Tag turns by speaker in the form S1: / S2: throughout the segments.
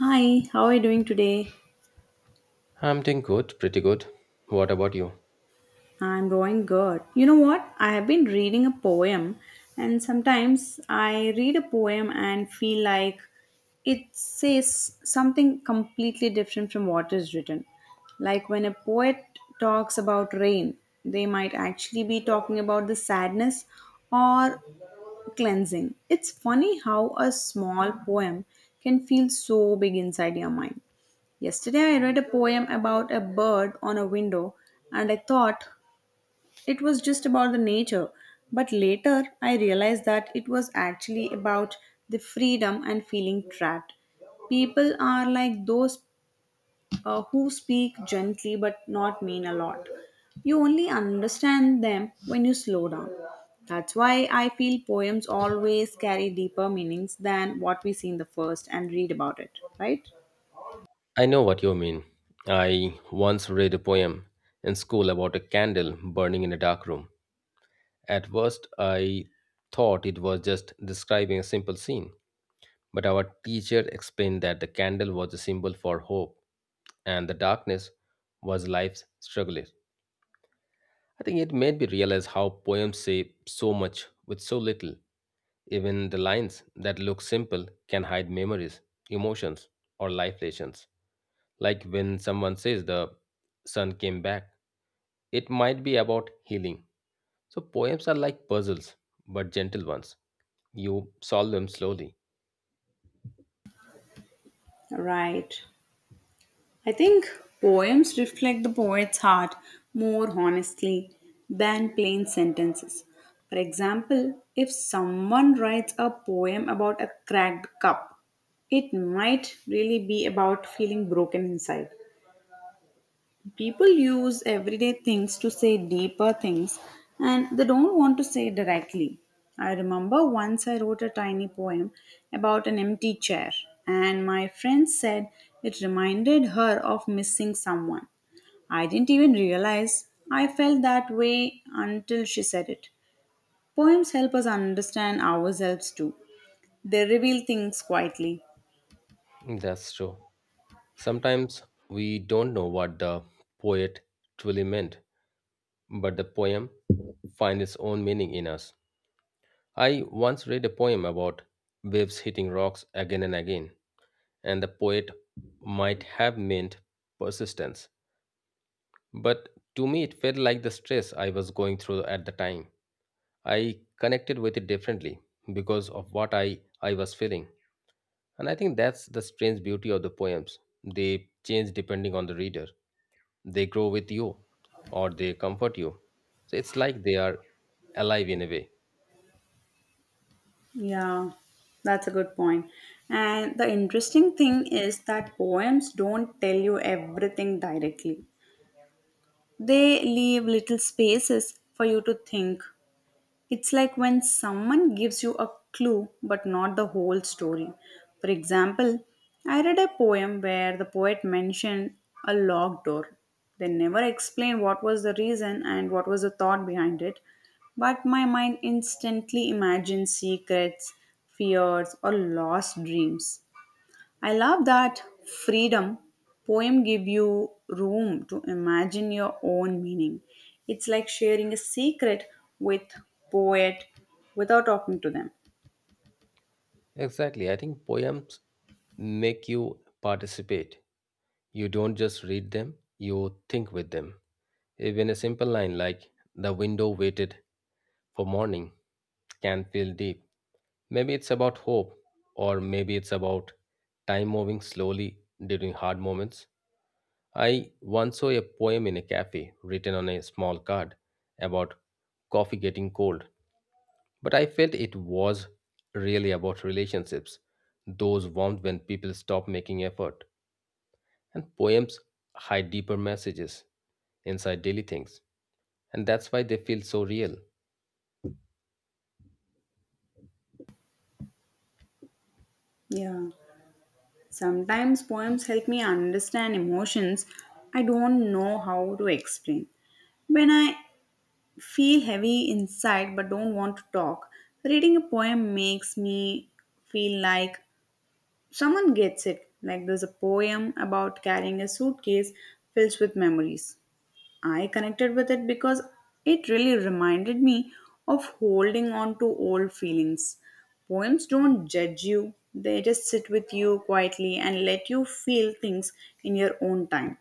S1: Hi, how are you doing today?
S2: I'm doing good, pretty good. What about you?
S1: I'm doing good. You know what? I have been reading a poem, and sometimes I read a poem and feel like it says something completely different from what is written. Like when a poet talks about rain, they might actually be talking about the sadness or cleansing. It's funny how a small poem can feel so big inside your mind. Yesterday, I read a poem about a bird on a window and I thought it was just about the nature. But later, I realized that it was actually about the freedom and feeling trapped. People are like those who speak gently but not mean a lot. You only understand them when you slow down. That's why I feel poems always carry deeper meanings than what we see in the first and read about it, right?
S2: I know what you mean. I once read a poem in school about a candle burning in a dark room. At first, I thought it was just describing a simple scene, but our teacher explained that the candle was a symbol for hope and the darkness was life's struggles. I think it made me realize how poems say so much with so little. Even the lines that look simple can hide memories, emotions, or life lessons. Like when someone says the sun came back, it might be about healing. So poems are like puzzles, but gentle ones. You solve them slowly.
S1: Right. I think poems reflect the poet's heart more honestly than plain sentences. For example, if someone writes a poem about a cracked cup, it might really be about feeling broken inside. People use everyday things to say deeper things and they don't want to say directly. I remember once I wrote a tiny poem about an empty chair, and my friend said it reminded her of missing someone. I didn't even realize I felt that way until she said it. Poems help us understand ourselves too, they reveal things quietly.
S2: That's true. Sometimes we don't know what the poet truly meant, but the poem finds its own meaning in us. I once read a poem about waves hitting rocks again and again, and the poet might have meant persistence, but to me, it felt like the stress I was going through at the time. I connected with it differently because of what I was feeling. And I think that's the strange beauty of the poems. They change depending on the reader, they grow with you or they comfort you. So it's like they are alive in a way.
S1: Yeah, that's a good point. And the interesting thing is that poems don't tell you everything directly, they leave little spaces for you to think it's like when someone gives you a clue but not the whole story. For example, I read a poem where the poet mentioned a locked door. They never explained what was the reason and what was the thought behind it, but my mind instantly imagined secrets, fears, or lost dreams. I love that freedom poem give you room to imagine your own meaning. It's like sharing a secret with poet without talking to them.
S2: Exactly. I think poems make you participate. You don't just read them, you think with them. Even a simple line like, the window waited for morning, can feel deep. Maybe it's about hope, or maybe it's about time moving slowly during hard moments. I once saw a poem in a cafe written on a small card about coffee getting cold, but I felt it was really about relationships, those warmed when people stop making effort. And poems hide deeper messages inside daily things, and that's why they feel so real.
S1: Yeah. Sometimes poems help me understand emotions I don't know how to explain. When I feel heavy inside but don't want to talk, reading a poem makes me feel like someone gets it. Like there's a poem about carrying a suitcase filled with memories. I connected with it because it really reminded me of holding on to old feelings. Poems don't judge you, they just sit with you quietly and let you feel things in your own time.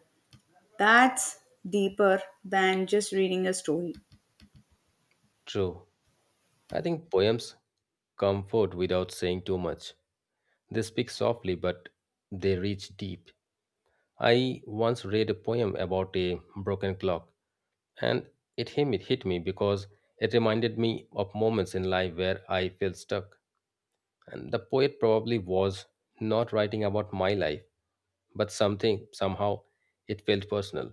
S1: That's deeper than just reading a story.
S2: True. I think poems comfort without saying too much. They speak softly, but they reach deep. I once read a poem about a broken clock, and it hit me because it reminded me of moments in life where I felt stuck. And the poet probably was not writing about my life, but something, somehow, it felt personal.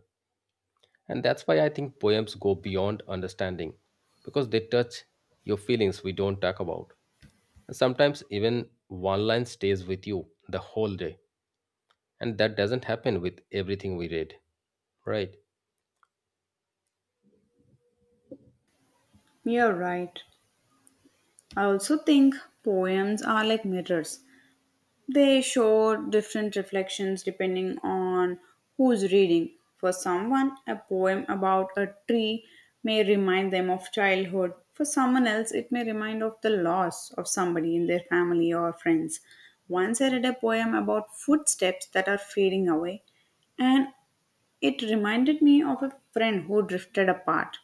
S2: And that's why I think poems go beyond understanding because they touch your feelings we don't talk about. And sometimes even one line stays with you the whole day. And that doesn't happen with everything we read, right?
S1: You're right. I also think poems are like mirrors. They show different reflections depending on who's reading. For someone, a poem about a tree may remind them of childhood. For someone else, it may remind of the loss of somebody in their family or friends. Once I read a poem about footsteps that are fading away, and it reminded me of a friend who drifted apart.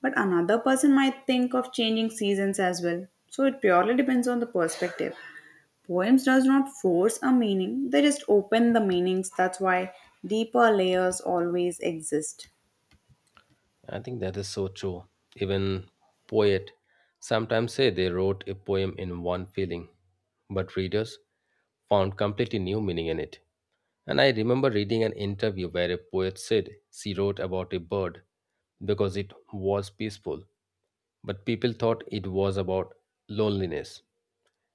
S1: But another person might think of changing seasons as well. So it purely depends on the perspective. Poems does not force a meaning, they just open the meanings. That's why deeper layers always exist.
S2: I think that is so true. Even poet sometimes say they wrote a poem in one feeling, but readers found completely new meaning in it. And I remember reading an interview where a poet said she wrote about a bird because it was peaceful, but people thought it was about loneliness.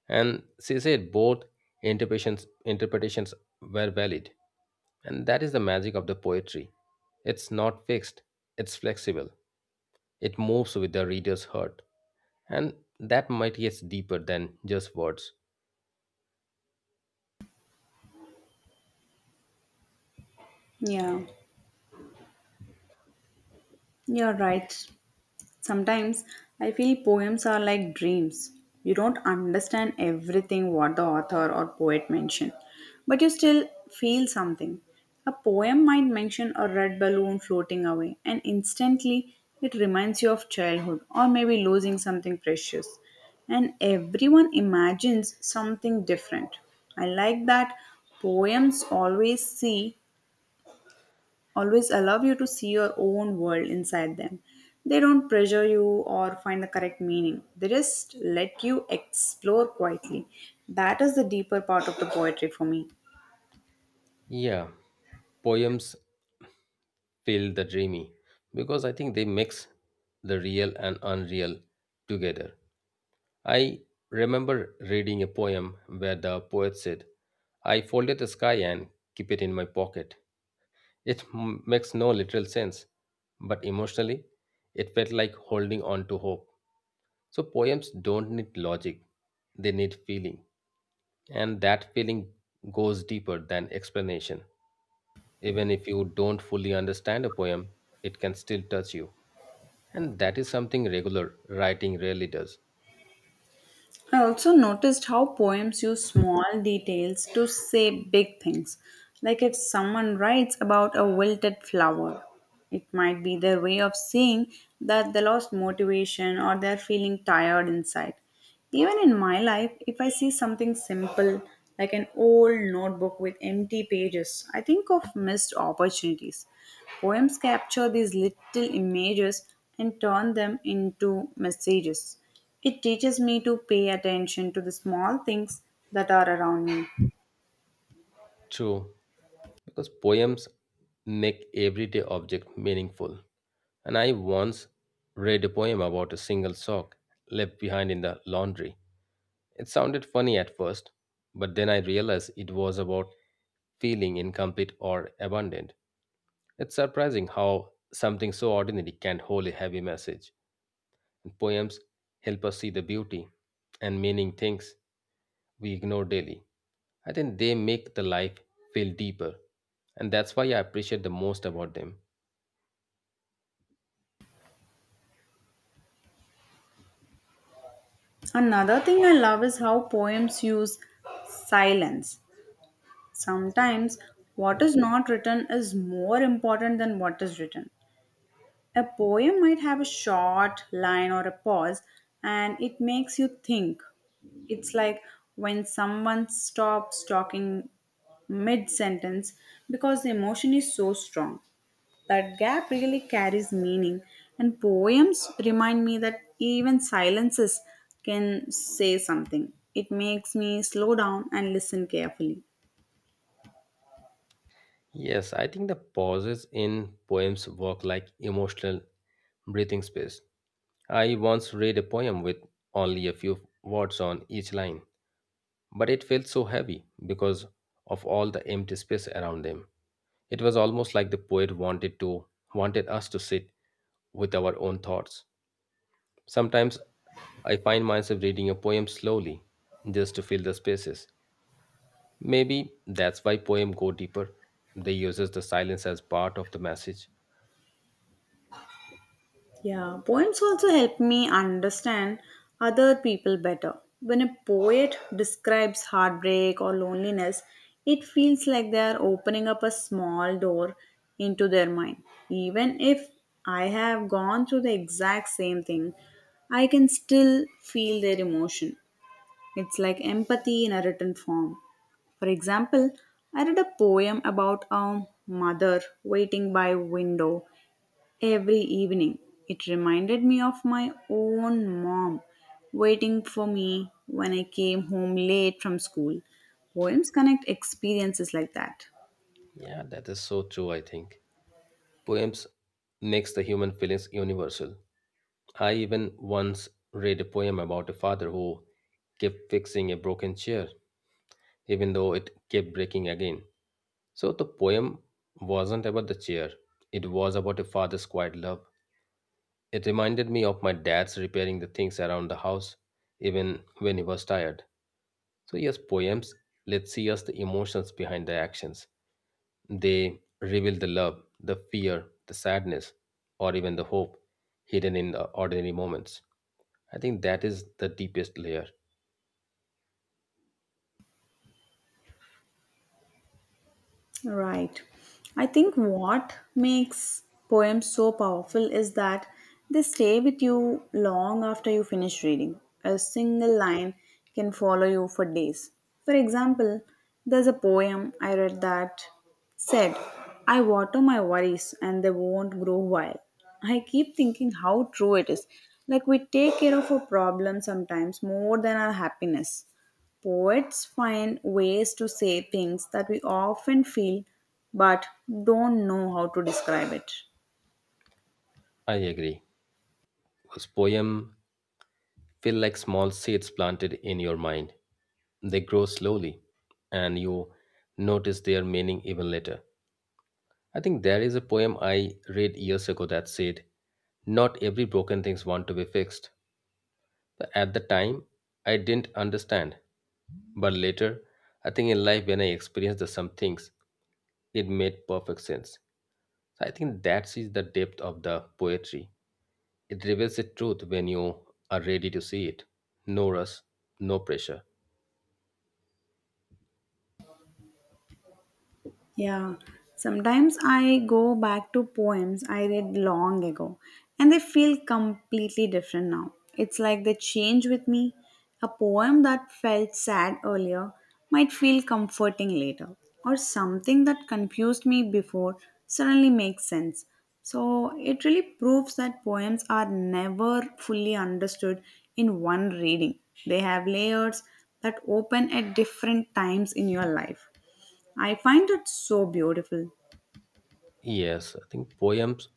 S2: And she said both interpretations were valid. And that is the magic of the poetry. It's not fixed, it's flexible. It moves with the reader's heart. And that might gets deeper than just words.
S1: Yeah, you're right. Sometimes I feel poems are like dreams. You don't understand everything what the author or poet mentioned, but you still feel something. A poem might mention a red balloon floating away, and instantly it reminds you of childhood or maybe losing something precious. And everyone imagines something different. I like that poems always allow you to see your own world inside them. They don't pressure you or find the correct meaning. They just let you explore quietly. That is the deeper part of the poetry for me.
S2: Yeah, poems feel the dreamy because I think they mix the real and unreal together. I remember reading a poem where the poet said, I folded the sky and keep it in my pocket. It makes no literal sense, but emotionally, it felt like holding on to hope. So, poems don't need logic, they need feeling. And that feeling goes deeper than explanation. Even if you don't fully understand a poem, it can still touch you. And that is something regular writing rarely does.
S1: I also noticed how poems use small details to say big things. Like if someone writes about a wilted flower, it might be their way of saying that they lost motivation or they're feeling tired inside. Even in my life, if I see something simple like an old notebook with empty pages, I think of missed opportunities. Poems capture these little images and turn them into messages. It teaches me to pay attention to the small things that are around me.
S2: True, because poems make everyday object meaningful. And I once read a poem about a single sock left behind in the laundry. It sounded funny at first, but then I realized it was about feeling incomplete or abandoned. It's surprising how something so ordinary can hold a heavy message. And poems help us see the beauty and meaning things we ignore daily. I think they make the life feel deeper, and that's why I appreciate the most about them.
S1: Another thing I love is how poems use silence. Sometimes what is not written is more important than what is written. A poem might have a short line or a pause and it makes you think. It's like when someone stops talking mid sentence because the emotion is so strong. That gap really carries meaning, and poems remind me that even silences can say something. It makes me slow down and listen carefully.
S2: Yes, I think the pauses in poems work like emotional breathing space. I once read a poem with only a few words on each line, but it felt so heavy because of all the empty space around them. It was almost like the poet wanted us to sit with our own thoughts. Sometimes I find myself reading a poem slowly just to fill the spaces. Maybe that's why poem go deeper. They uses the silence as part of the message.
S1: Yeah, poems also help me understand other people better. When a poet describes heartbreak or loneliness, it feels like they are opening up a small door into their mind. Even if I have gone through the exact same thing, I can still feel their emotion. It's like empathy in a written form. For example, I read a poem about a mother waiting by window every evening. It reminded me of my own mom waiting for me when I came home late from school. Poems connect experiences like that.
S2: Yeah, that is so true I think. Poems makes the human feelings universal I even once read a poem about a father who kept fixing a broken chair, even though it kept breaking again. So the poem wasn't about the chair, it was about a father's quiet love. It reminded me of my dad's repairing the things around the house, even when he was tired. So, yes, poems let see us the emotions behind the actions. They reveal the love, the fear, the sadness, or even the hope hidden in the ordinary moments. I think that is the deepest layer.
S1: Right. I think what makes poems so powerful is that they stay with you long after you finish reading. A single line can follow you for days. For example, there's a poem I read that said, I water my worries and they won't grow wild. I keep thinking how true it is. Like we take care of our problems sometimes more than our happiness. Poets find ways to say things that we often feel but don't know how to describe it.
S2: I agree. Because poem feel like small seeds planted in your mind. They grow slowly and you notice their meaning even later. I think there is a poem I read years ago that said, not every broken things want to be fixed. But at the time, I didn't understand. But later, I think in life when I experienced the some things, it made perfect sense. So I think that is the depth of the poetry. It reveals the truth when you are ready to see it. No rush, no pressure.
S1: Yeah, sometimes I go back to poems I read long ago and they feel completely different now. It's like they change with me. A poem that felt sad earlier might feel comforting later, or something that confused me before suddenly makes sense. So it really proves that poems are never fully understood in one reading, they have layers that open at different times in your life. I find it so beautiful.
S2: Yes, I think poems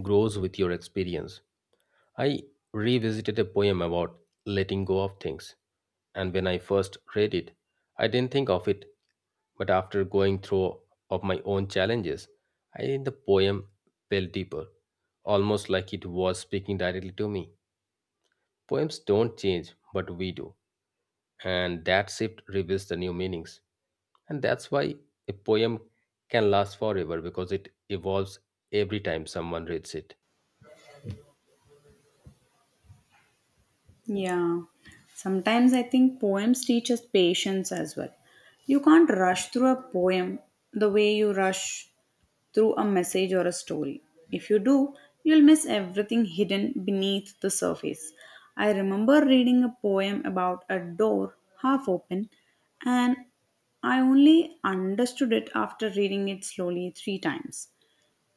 S2: grows with your experience. I revisited a poem about letting go of things, and when I first read it, I didn't think of it, but after going through of my own challenges, I think the poem felt deeper, almost like it was speaking directly to me. Poems don't change, but we do, and that shift reveals the new meanings. And that's why a poem can last forever because it evolves every time someone reads it.
S1: Yeah. Sometimes I think poems teach us patience as well. You can't rush through a poem the way you rush through a message or a story. If you do, you'll miss everything hidden beneath the surface. I remember reading a poem about a door half open, and I only understood it after reading it slowly three times.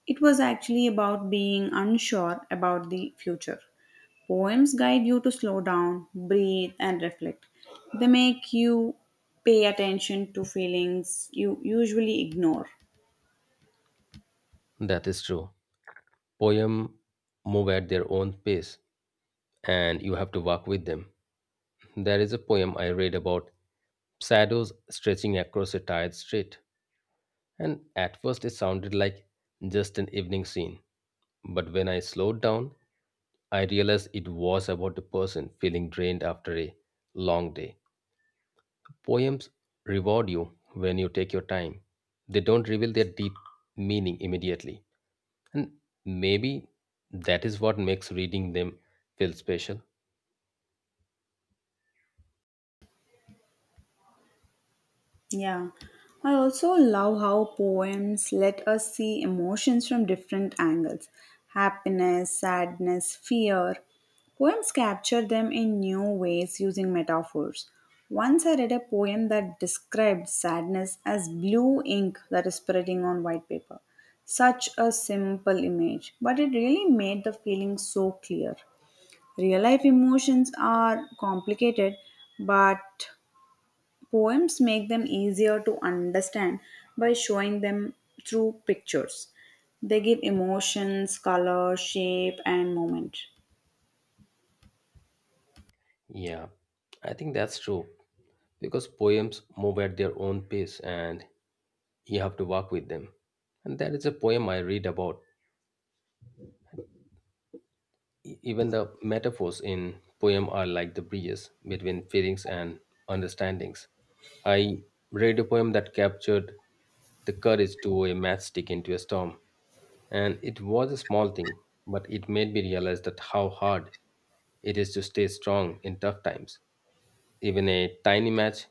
S1: It was actually about being unsure about the future. Poems guide you to slow down, breathe, and reflect. They make you pay attention to feelings you usually ignore.
S2: That is true. Poem move at their own pace and you have to walk with them. There is a poem I read about shadows stretching across a tired street, and at first it sounded like just an evening scene. But when I slowed down, I realized it was about a person feeling drained after a long day. Poems reward you when you take your time. They don't reveal their deep meaning immediately. And maybe that is what makes reading them feel special.
S1: Yeah, I also love how poems let us see emotions from different angles happiness, sadness, fear. Poems capture them in new ways using metaphors. Once I read a poem that described sadness as blue ink that is spreading on white paper. Such a simple image, but it really made the feeling so clear. Real life emotions are complicated, but poems make them easier to understand by showing them through pictures. They give emotions, color, shape, and moment.
S2: Yeah, I think that's true. Because poems move at their own pace and you have to walk with them. And there is a poem I read about even the metaphors in poem are like the bridges between feelings and understandings. I read a poem that captured the courage to throw a matchstick into a storm, and it was a small thing, but it made me realize that how hard it is to stay strong in tough times. Even a tiny match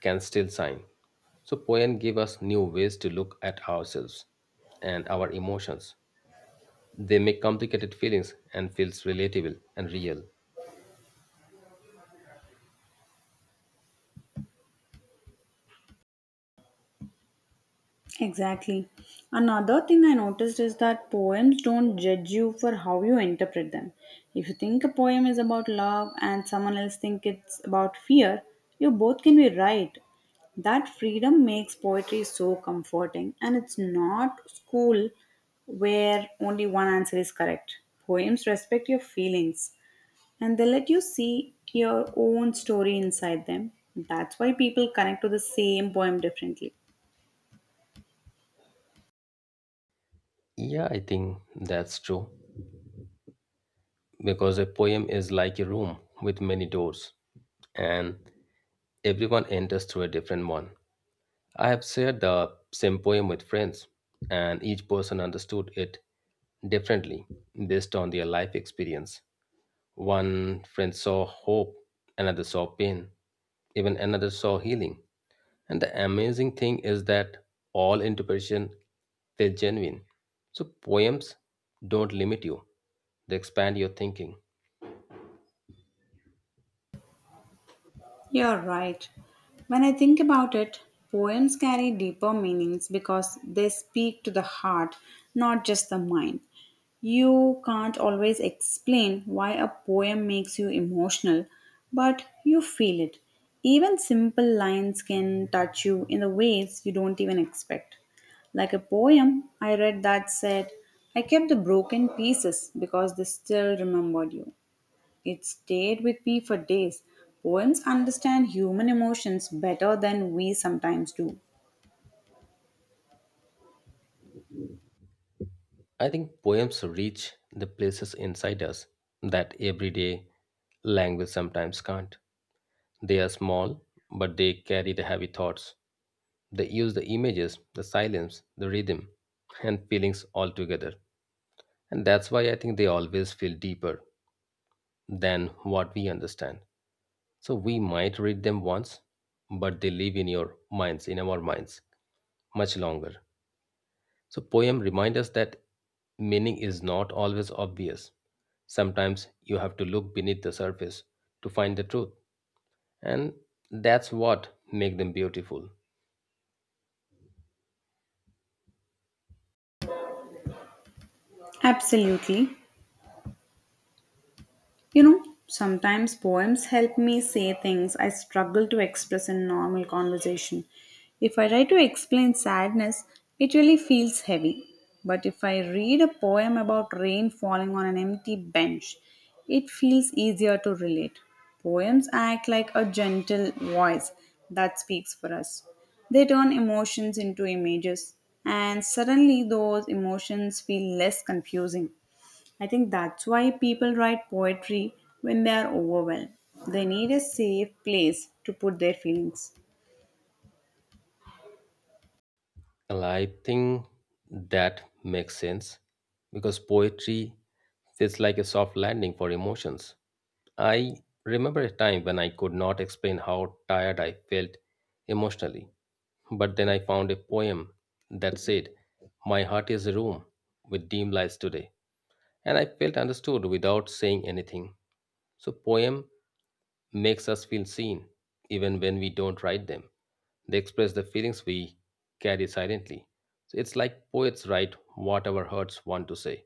S2: can still shine. So poem give us new ways to look at ourselves and our emotions. They make complicated feelings and feels relatable and real.
S1: Exactly. Another thing I noticed is that poems don't judge you for how you interpret them. If you think a poem is about love and someone else think it's about fear, you both can be right. That freedom makes poetry so comforting and it's not school where only one answer is correct. Poems respect your feelings and they let you see your own story inside them. That's why people connect to the same poem differently.
S2: Yeah, I think that's true. Because a poem is like a room with many doors, and everyone enters through a different one. I have shared the same poem with friends, and each person understood it differently based on their life experience. One friend saw hope, another saw pain, even another saw healing. And the amazing thing is that all interpretation felt genuine. So poems don't limit you. They expand your thinking.
S1: You're right. When I think about it, poems carry deeper meanings because they speak to the heart, not just the mind. You can't always explain why a poem makes you emotional, but you feel it. Even simple lines can touch you in the ways you don't even expect. Like a poem I read that said, I kept the broken pieces because they still remembered you. It stayed with me for days. Poems understand human emotions better than we sometimes do.
S2: I think poems reach the places inside us that everyday language sometimes can't. They are small, but they carry the heavy thoughts. They use the images, the silence, the rhythm, and feelings all together. And that's why I think they always feel deeper than what we understand. So we might read them once, but they live in your minds, in our minds, much longer. So, poem remind us that meaning is not always obvious. Sometimes you have to look beneath the surface to find the truth, and that's what make them beautiful.
S1: Absolutely. You know, sometimes poems help me say things I struggle to express in normal conversation. If I try to explain sadness, it really feels heavy. But if I read a poem about rain falling on an empty bench, it feels easier to relate. Poems act like a gentle voice that speaks for us. They turn emotions into images, and suddenly those emotions feel less confusing. I think that's why people write poetry when they are overwhelmed. They need a safe place to put their feelings.
S2: Well, I think that makes sense because poetry feels like a soft landing for emotions. I remember a time when I could not explain how tired I felt emotionally, but then I found a poem that said, my heart is a room with dim lights today. And I felt understood without saying anything. So, poem makes us feel seen even when we don't write them. They express the feelings we carry silently. So, it's like poets write what our hearts want to say.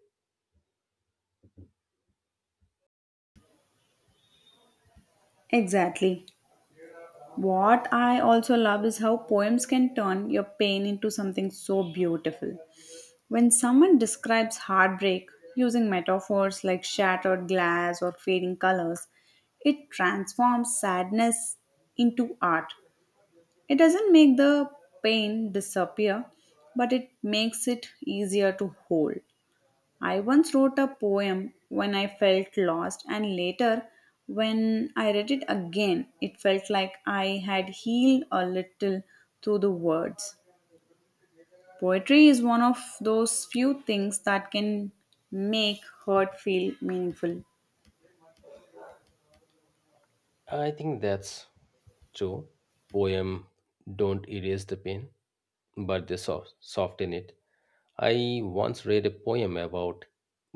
S1: Exactly. What I also love is how poems can turn your pain into something so beautiful. When someone describes heartbreak using metaphors like shattered glass or fading colors, it transforms sadness into art. It doesn't make the pain disappear, but it makes it easier to hold. I once wrote a poem when I felt lost, and later, when I read it again, it felt like I had healed a little through the words. Poetry is one of those few things that can make hurt feel meaningful.
S2: I think that's true. Poem don't erase the pain, but they soften it. I once read a poem about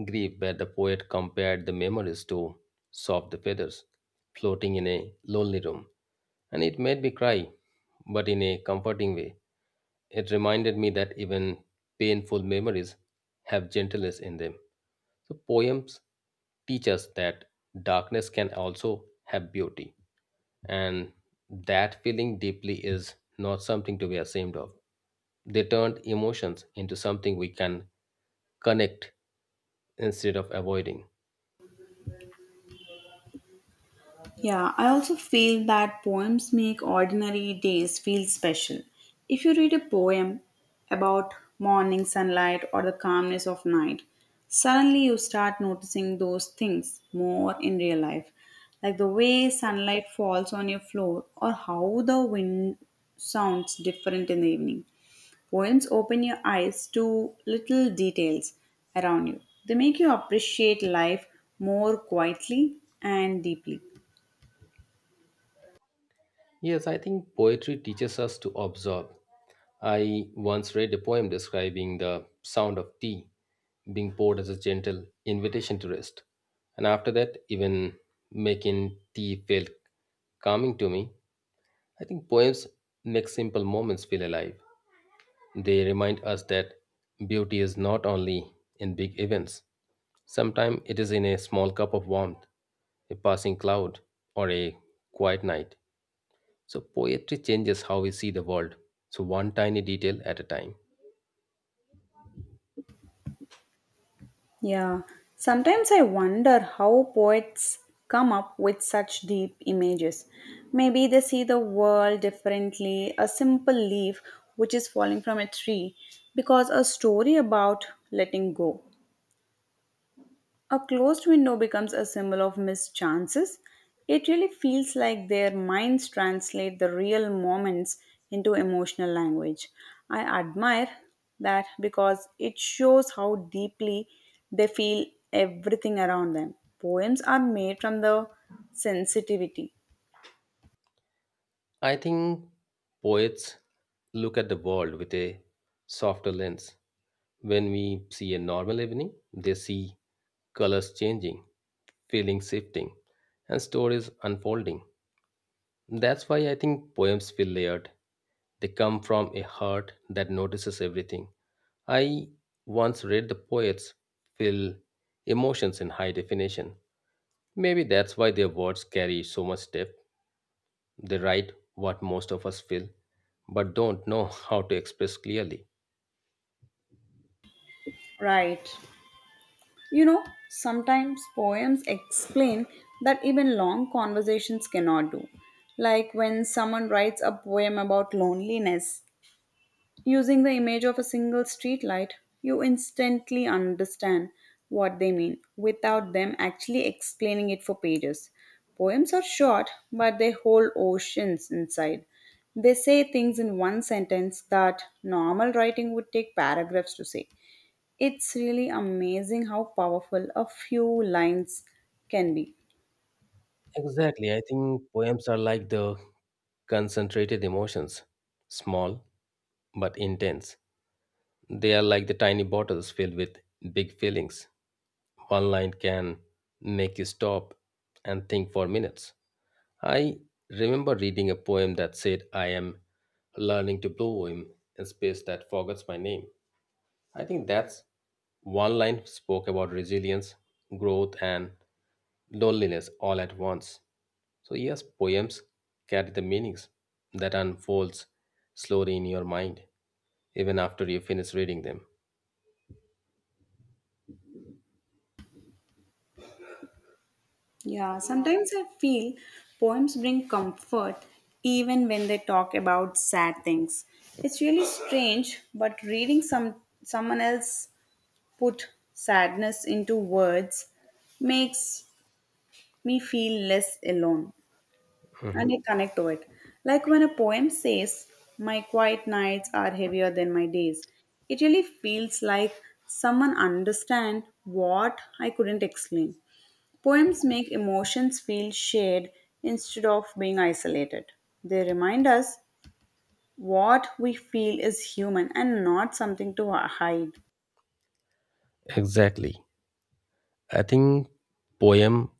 S2: grief where the poet compared the memories to soft feathers floating in a lonely room, and it made me cry, but in a comforting way. It reminded me that even painful memories have gentleness in them. So, poems teach us that darkness can also have beauty, and that feeling deeply is not something to be ashamed of. They turned emotions into something we can connect instead of avoiding.
S1: Yeah, I also feel that poems make ordinary days feel special. If you read a poem about morning sunlight or the calmness of night, suddenly you start noticing those things more in real life, like the way sunlight falls on your floor or how the wind sounds different in the evening. Poems open your eyes to little details around you. They make you appreciate life more quietly and deeply.
S2: Yes, I think poetry teaches us to observe. I once read a poem describing the sound of tea being poured as a gentle invitation to rest. And after that, even making tea felt calming to me. I think poems make simple moments feel alive. They remind us that beauty is not only in big events, sometimes it is in a small cup of warmth, a passing cloud, or a quiet night. So poetry changes how we see the world, so one tiny detail at a time.
S1: Yeah, sometimes I wonder how poets come up with such deep images. Maybe they see the world differently, a simple leaf which is falling from a tree, because a story about letting go. A closed window becomes a symbol of missed chances. It really feels like their minds translate the real moments into emotional language. I admire that because it shows how deeply they feel everything around them. Poems are made from the sensitivity.
S2: I think poets look at the world with a softer lens. When we see a normal evening, they see colors changing, feelings shifting, and stories unfolding. That's why I think poems feel layered. They come from a heart that notices everything. I once read the poets feel emotions in high definition. Maybe that's why their words carry so much depth. They write what most of us feel, but don't know how to express clearly.
S1: Right. You know, sometimes poems explain that even long conversations cannot do. Like when someone writes a poem about loneliness, using the image of a single streetlight, you instantly understand what they mean without them actually explaining it for pages. Poems are short, but they hold oceans inside. They say things in one sentence that normal writing would take paragraphs to say. It's really amazing how powerful a few lines can be.
S2: Exactly. I think poems are like the concentrated emotions, small but intense. They are like the tiny bottles filled with big feelings. One line can make you stop and think for minutes. I remember reading a poem that said, I am learning to blow in a space that forgets my name. I think that's one line spoke about resilience, growth, and loneliness all at once. So, yes, poems carry the meanings that unfolds slowly in your mind, even after you finish reading them.
S1: Yeah,
S2: Yeah.
S1: sometimes I feel poems bring comfort even when they talk about sad things. It's really strange, but reading someone else put sadness into words makes me feel less alone and I connect to it. Like when a poem says, My quiet nights are heavier than my days, it really feels like someone understand what I couldn't explain. Poems make emotions feel shared instead of being isolated. They remind us what we feel is human and not something to hide.
S2: Exactly. I think poem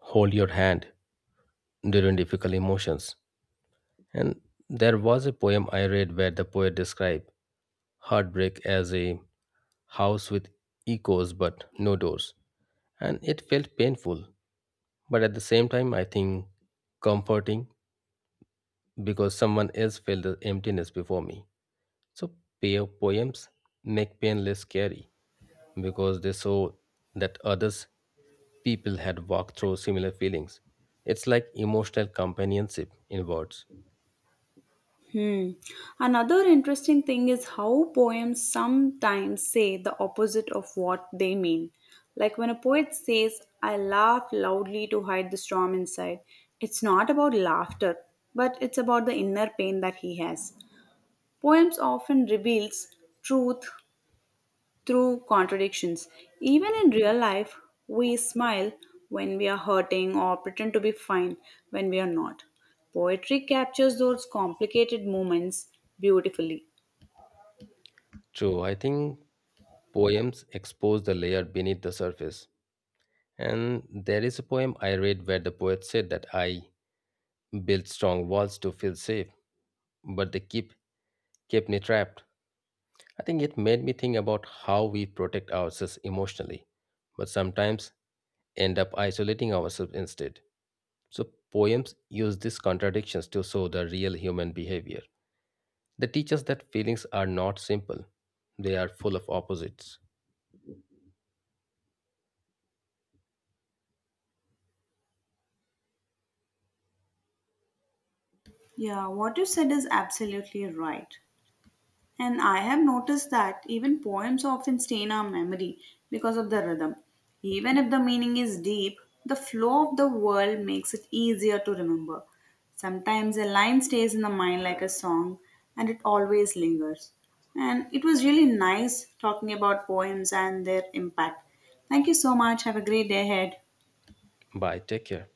S2: hold your hand during difficult emotions. And there was a poem I read where the poet described heartbreak as a house with echoes but no doors, and it felt painful, but at the same time, I think comforting because someone else felt the emptiness before me. So, pair poems make pain less scary because they show that others people had walked through similar feelings. It's like emotional companionship in words.
S1: Hmm. Another interesting thing is how poems sometimes say the opposite of what they mean. Like when a poet says, I laugh loudly to hide the storm inside, it's not about laughter, but it's about the inner pain that he has. Poems often reveals truth through contradictions. Even in real life, we smile when we are hurting or pretend to be fine when we are not. Poetry captures those complicated moments beautifully.
S2: True, I think poems expose the layer beneath the surface. And there is a poem I read where the poet said that I built strong walls to feel safe, but they keep kept me trapped. I think it made me think about how we protect ourselves emotionally, but sometimes end up isolating ourselves instead. So, poems use these contradictions to show the real human behavior. They teach us that feelings are not simple, they are full of opposites.
S1: Yeah, what you said is absolutely right. And I have noticed that even poems often stay in our memory because of the rhythm. Even if the meaning is deep, the flow of the world makes it easier to remember. Sometimes a line stays in the mind like a song and it always lingers. And it was really nice talking about poems and their impact. Thank you so much. Have a great day ahead.
S2: Bye, take care.